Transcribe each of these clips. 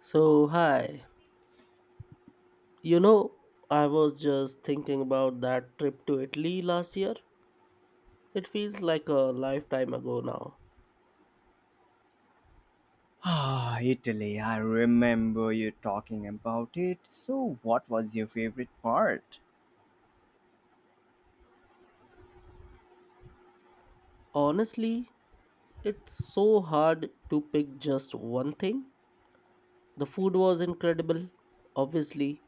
So, hi. You know, I was just thinking about that trip to Italy last year. It feels like a lifetime ago now. Ah, Italy, I remember you talking about it. So, what was your favorite part? Honestly, it's so hard to pick just one thing. The food was incredible, obviously,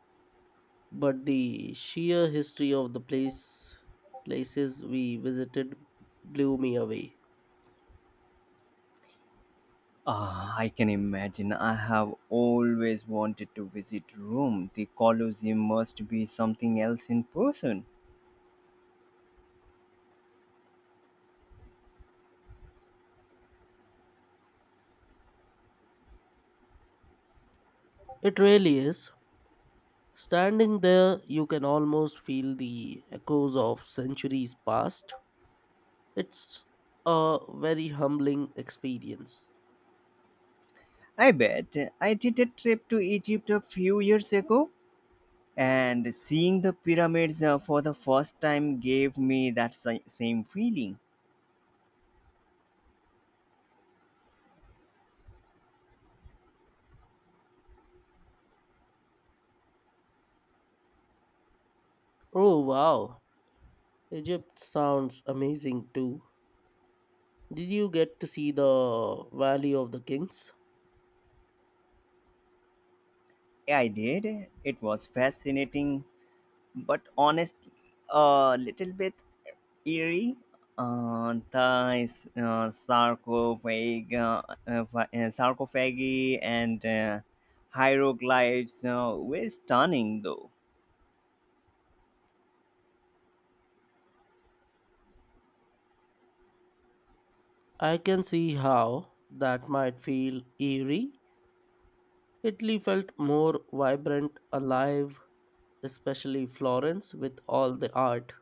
but the sheer history of the place places we visited blew me away. Ah, I can imagine. I have always wanted to visit Rome. The Colosseum must be something else in person. It really is. Standing there, you can almost feel the echoes of centuries past. It's a very humbling experience. I bet I did a trip to Egypt a few years ago, and seeing the pyramids for the first time gave me that same feeling. Oh wow, Egypt sounds amazing too. Did you get to see the Valley of the Kings? I did. It was fascinating, but honestly, a little bit eerie. The sarcophagi and hieroglyphs were stunning, though. I can see how that might feel eerie. Italy felt more vibrant, alive, especially Florence with all the art.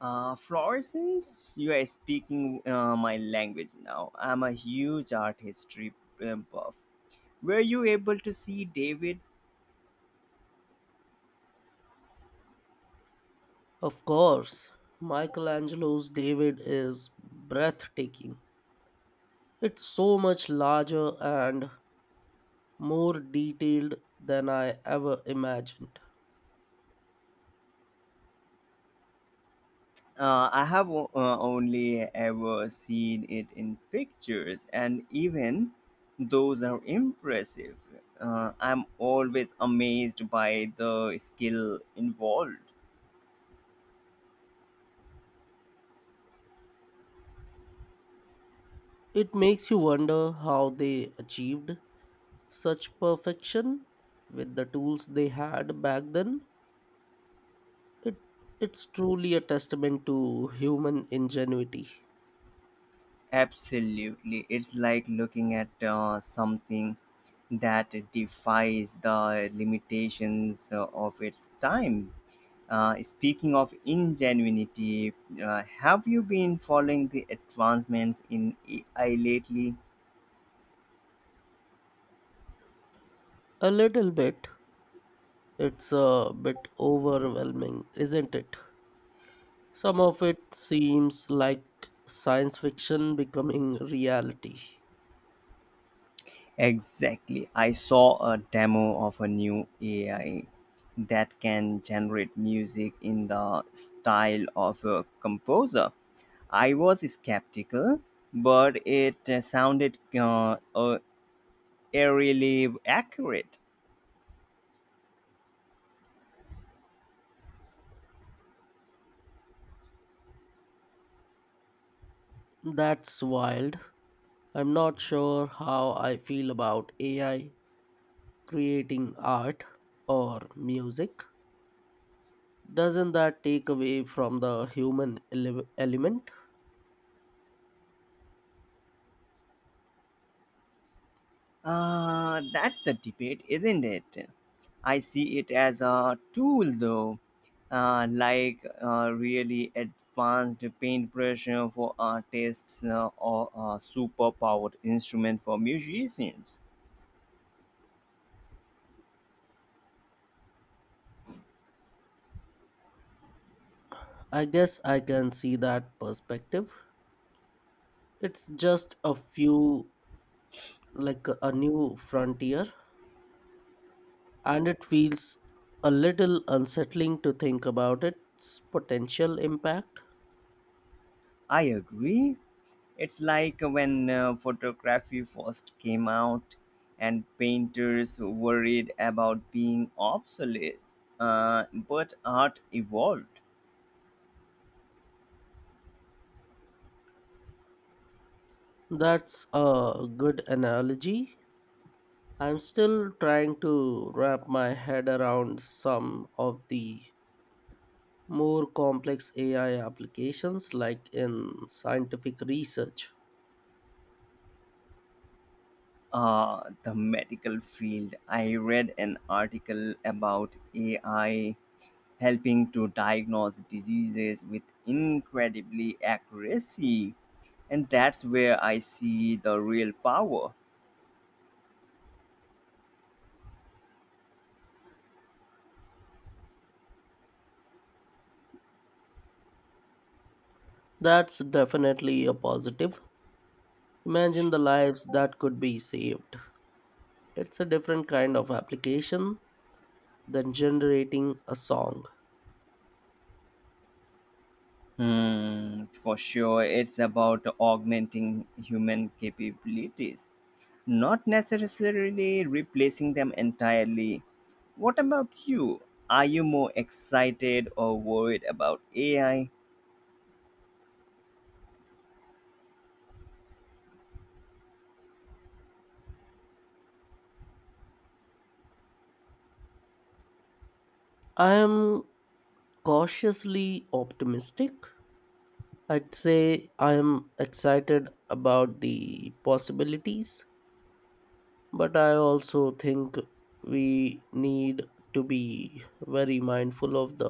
Florence, you are speaking my language now. I'm a huge art history buff. Were you able to see David? Of course, Michelangelo's David is breathtaking. It's so much larger and more detailed than I ever imagined. I have only ever seen it in pictures, and even those are impressive. I'm always amazed by the skill involved. It makes you wonder how they achieved such perfection with the tools they had back then. It, it's truly a testament to human ingenuity. Absolutely. It's like looking at something that defies the limitations of its time. Speaking of ingenuity, have you been following the advancements in AI lately? A little bit. It's a bit overwhelming, isn't it? Some of it seems like science fiction becoming reality. Exactly. I saw a demo of a new AI that can generate music in the style of a composer. I was skeptical, but it sounded eerily accurate. That's wild. I'm not sure how I feel about AI creating art or music. Doesn't that take away from the human element? That's the debate, isn't it? I see it as a tool, though, like a really advanced paintbrush for artists or a superpowered instrument for musicians. I guess I can see that perspective. It's just a few, like a new frontier, and it feels a little unsettling to think about its potential impact. I agree. It's like when photography first came out and painters worried about being obsolete, but art evolved. That's a good analogy. I'm still trying to wrap my head around some of the more complex AI applications like in scientific research. The medical field. I read an article about AI helping to diagnose diseases with incredibly accuracy, and that's where I see the real power. That's definitely a positive. Imagine the lives that could be saved. It's a different kind of application than generating a song. Hmm, for sure, it's about augmenting human capabilities, not necessarily replacing them entirely. What about you? Are you more excited or worried about AI? I am cautiously optimistic. I'd say I am excited about the possibilities, but I also think we need to be very mindful of the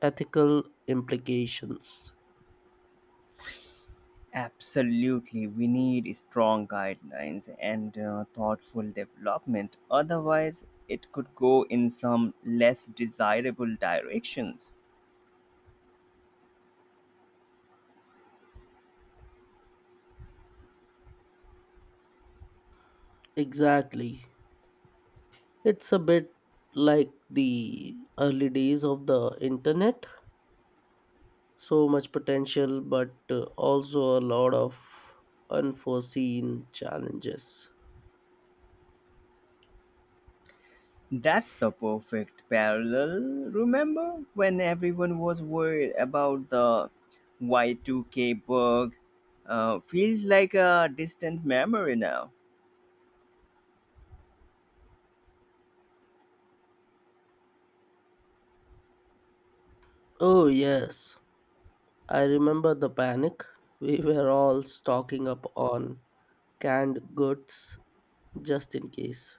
ethical implications. Absolutely, we need strong guidelines and thoughtful development. Otherwise, it could go in some less desirable directions. Exactly. It's a bit like the early days of the internet. So much potential, but also a lot of unforeseen challenges. That's a perfect parallel. Remember when everyone was worried about the Y2K bug? Feels like a distant memory now. Oh, yes. I remember the panic. We were all stocking up on canned goods just in case.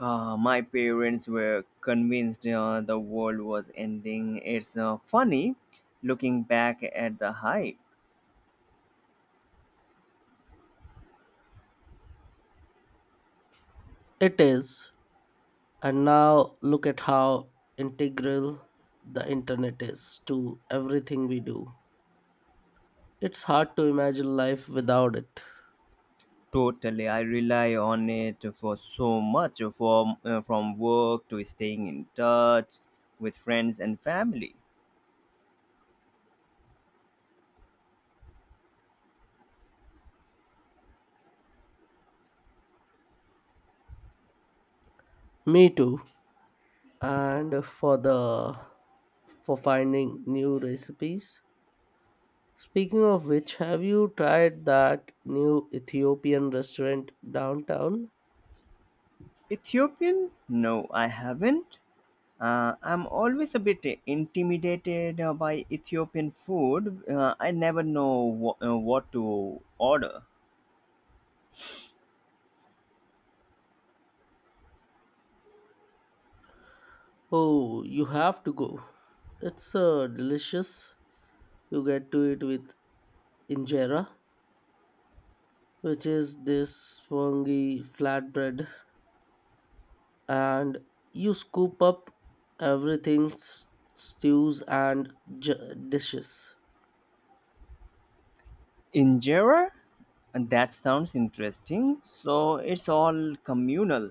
My parents were convinced the world was ending. It's funny looking back at the hype. It is. And now look at how integral the internet is to everything we do. It's hard to imagine life without it. Totally, I rely on it for so much from work to staying in touch with friends and family. Me too. And for the for finding new recipes. Speaking of which, have you tried that new Ethiopian restaurant downtown? Ethiopian? No, I haven't. I'm always a bit intimidated by Ethiopian food. I never know what to order. Oh, you have to go. It's delicious. You get to eat with injera, which is this spongy flatbread, and you scoop up everything, stews and j- dishes. Injera? And that sounds interesting. So it's all communal.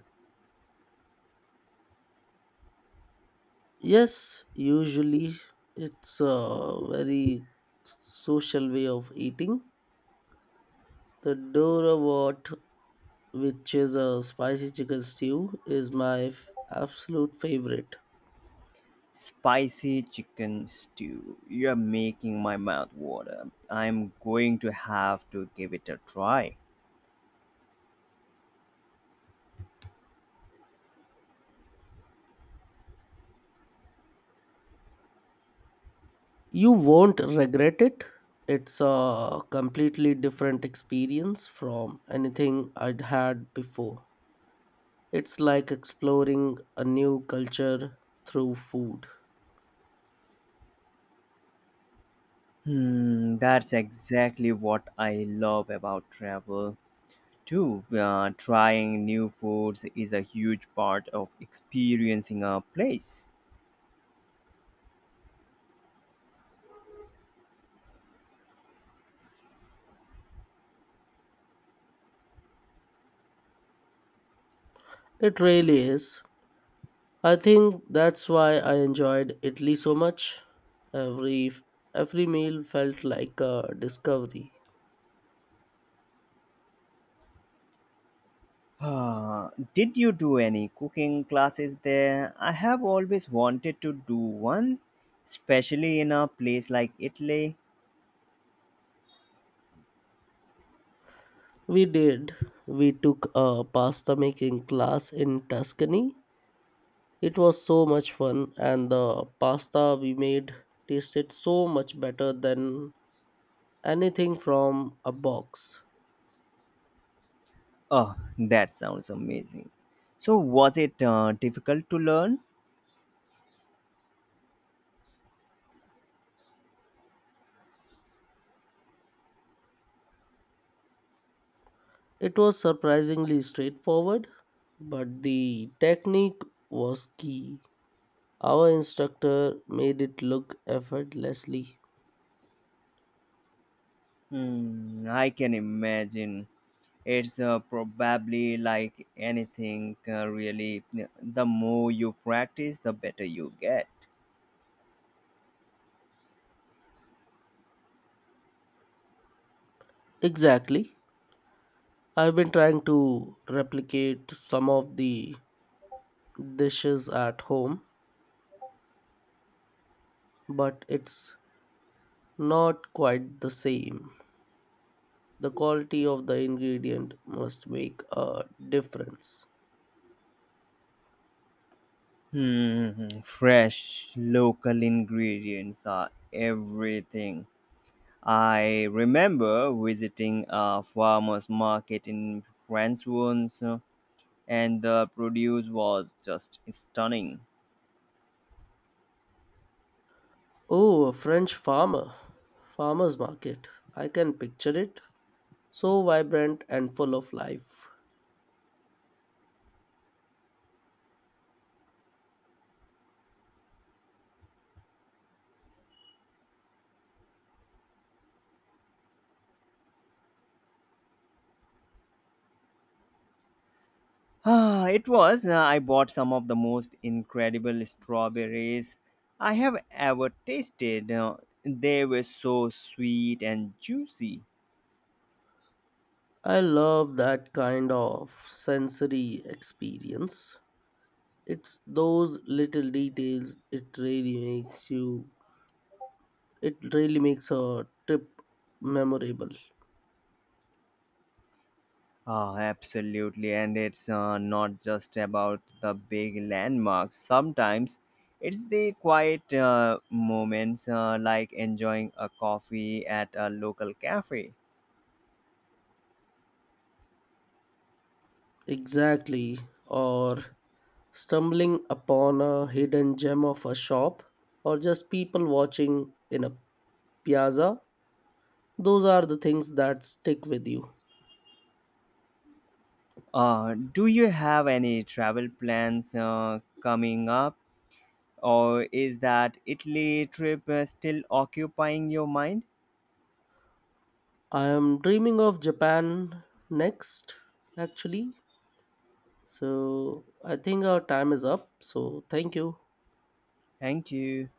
Yes, usually it's a very social way of eating. The dorawat, which is a spicy chicken stew, is my absolute favorite. Spicy chicken stew. You're making my mouth water. I'm going to have to give it a try. You won't regret it. It's a completely different experience from anything I'd had before. It's like exploring a new culture through food. Hmm, that's exactly what I love about travel too. Trying new foods is a huge part of experiencing a place. It really is. I think that's why I enjoyed Italy so much. Every every meal felt like a discovery. Did you do any cooking classes there? I have always wanted to do one, especially in a place like Italy. We did. We took a pasta making class in Tuscany. It was so much fun, and the pasta we made tasted so much better than anything from a box. Oh, that sounds amazing. So, was it difficult to learn? It was surprisingly straightforward, but the technique was key. Our instructor made it look effortlessly. Hmm, I can imagine. It's probably like anything, really. The more you practice, the better you get. Exactly. I've been trying to replicate some of the dishes at home, but it's not quite the same. The quality of the ingredient must make a difference. Hmm, fresh local ingredients are everything. I remember visiting a farmer's market in France once, and the produce was just stunning. Oh, a French farmer. Farmer's market. I can picture it. So vibrant and full of life. Ah, it was. I bought some of the most incredible strawberries I have ever tasted. They were so sweet and juicy. I love that kind of sensory experience. It's those little details. It really makes a trip memorable. Ah, absolutely. And it's not just about the big landmarks. Sometimes it's the quiet moments, like enjoying a coffee at a local cafe. Exactly. Or stumbling upon a hidden gem of a shop, or just people watching in a piazza. Those are the things that stick with you. Do you have any travel plans coming up? Or is that Italy trip still occupying your mind? I am dreaming of Japan next, actually. So I think our time is up. So thank you. Thank you.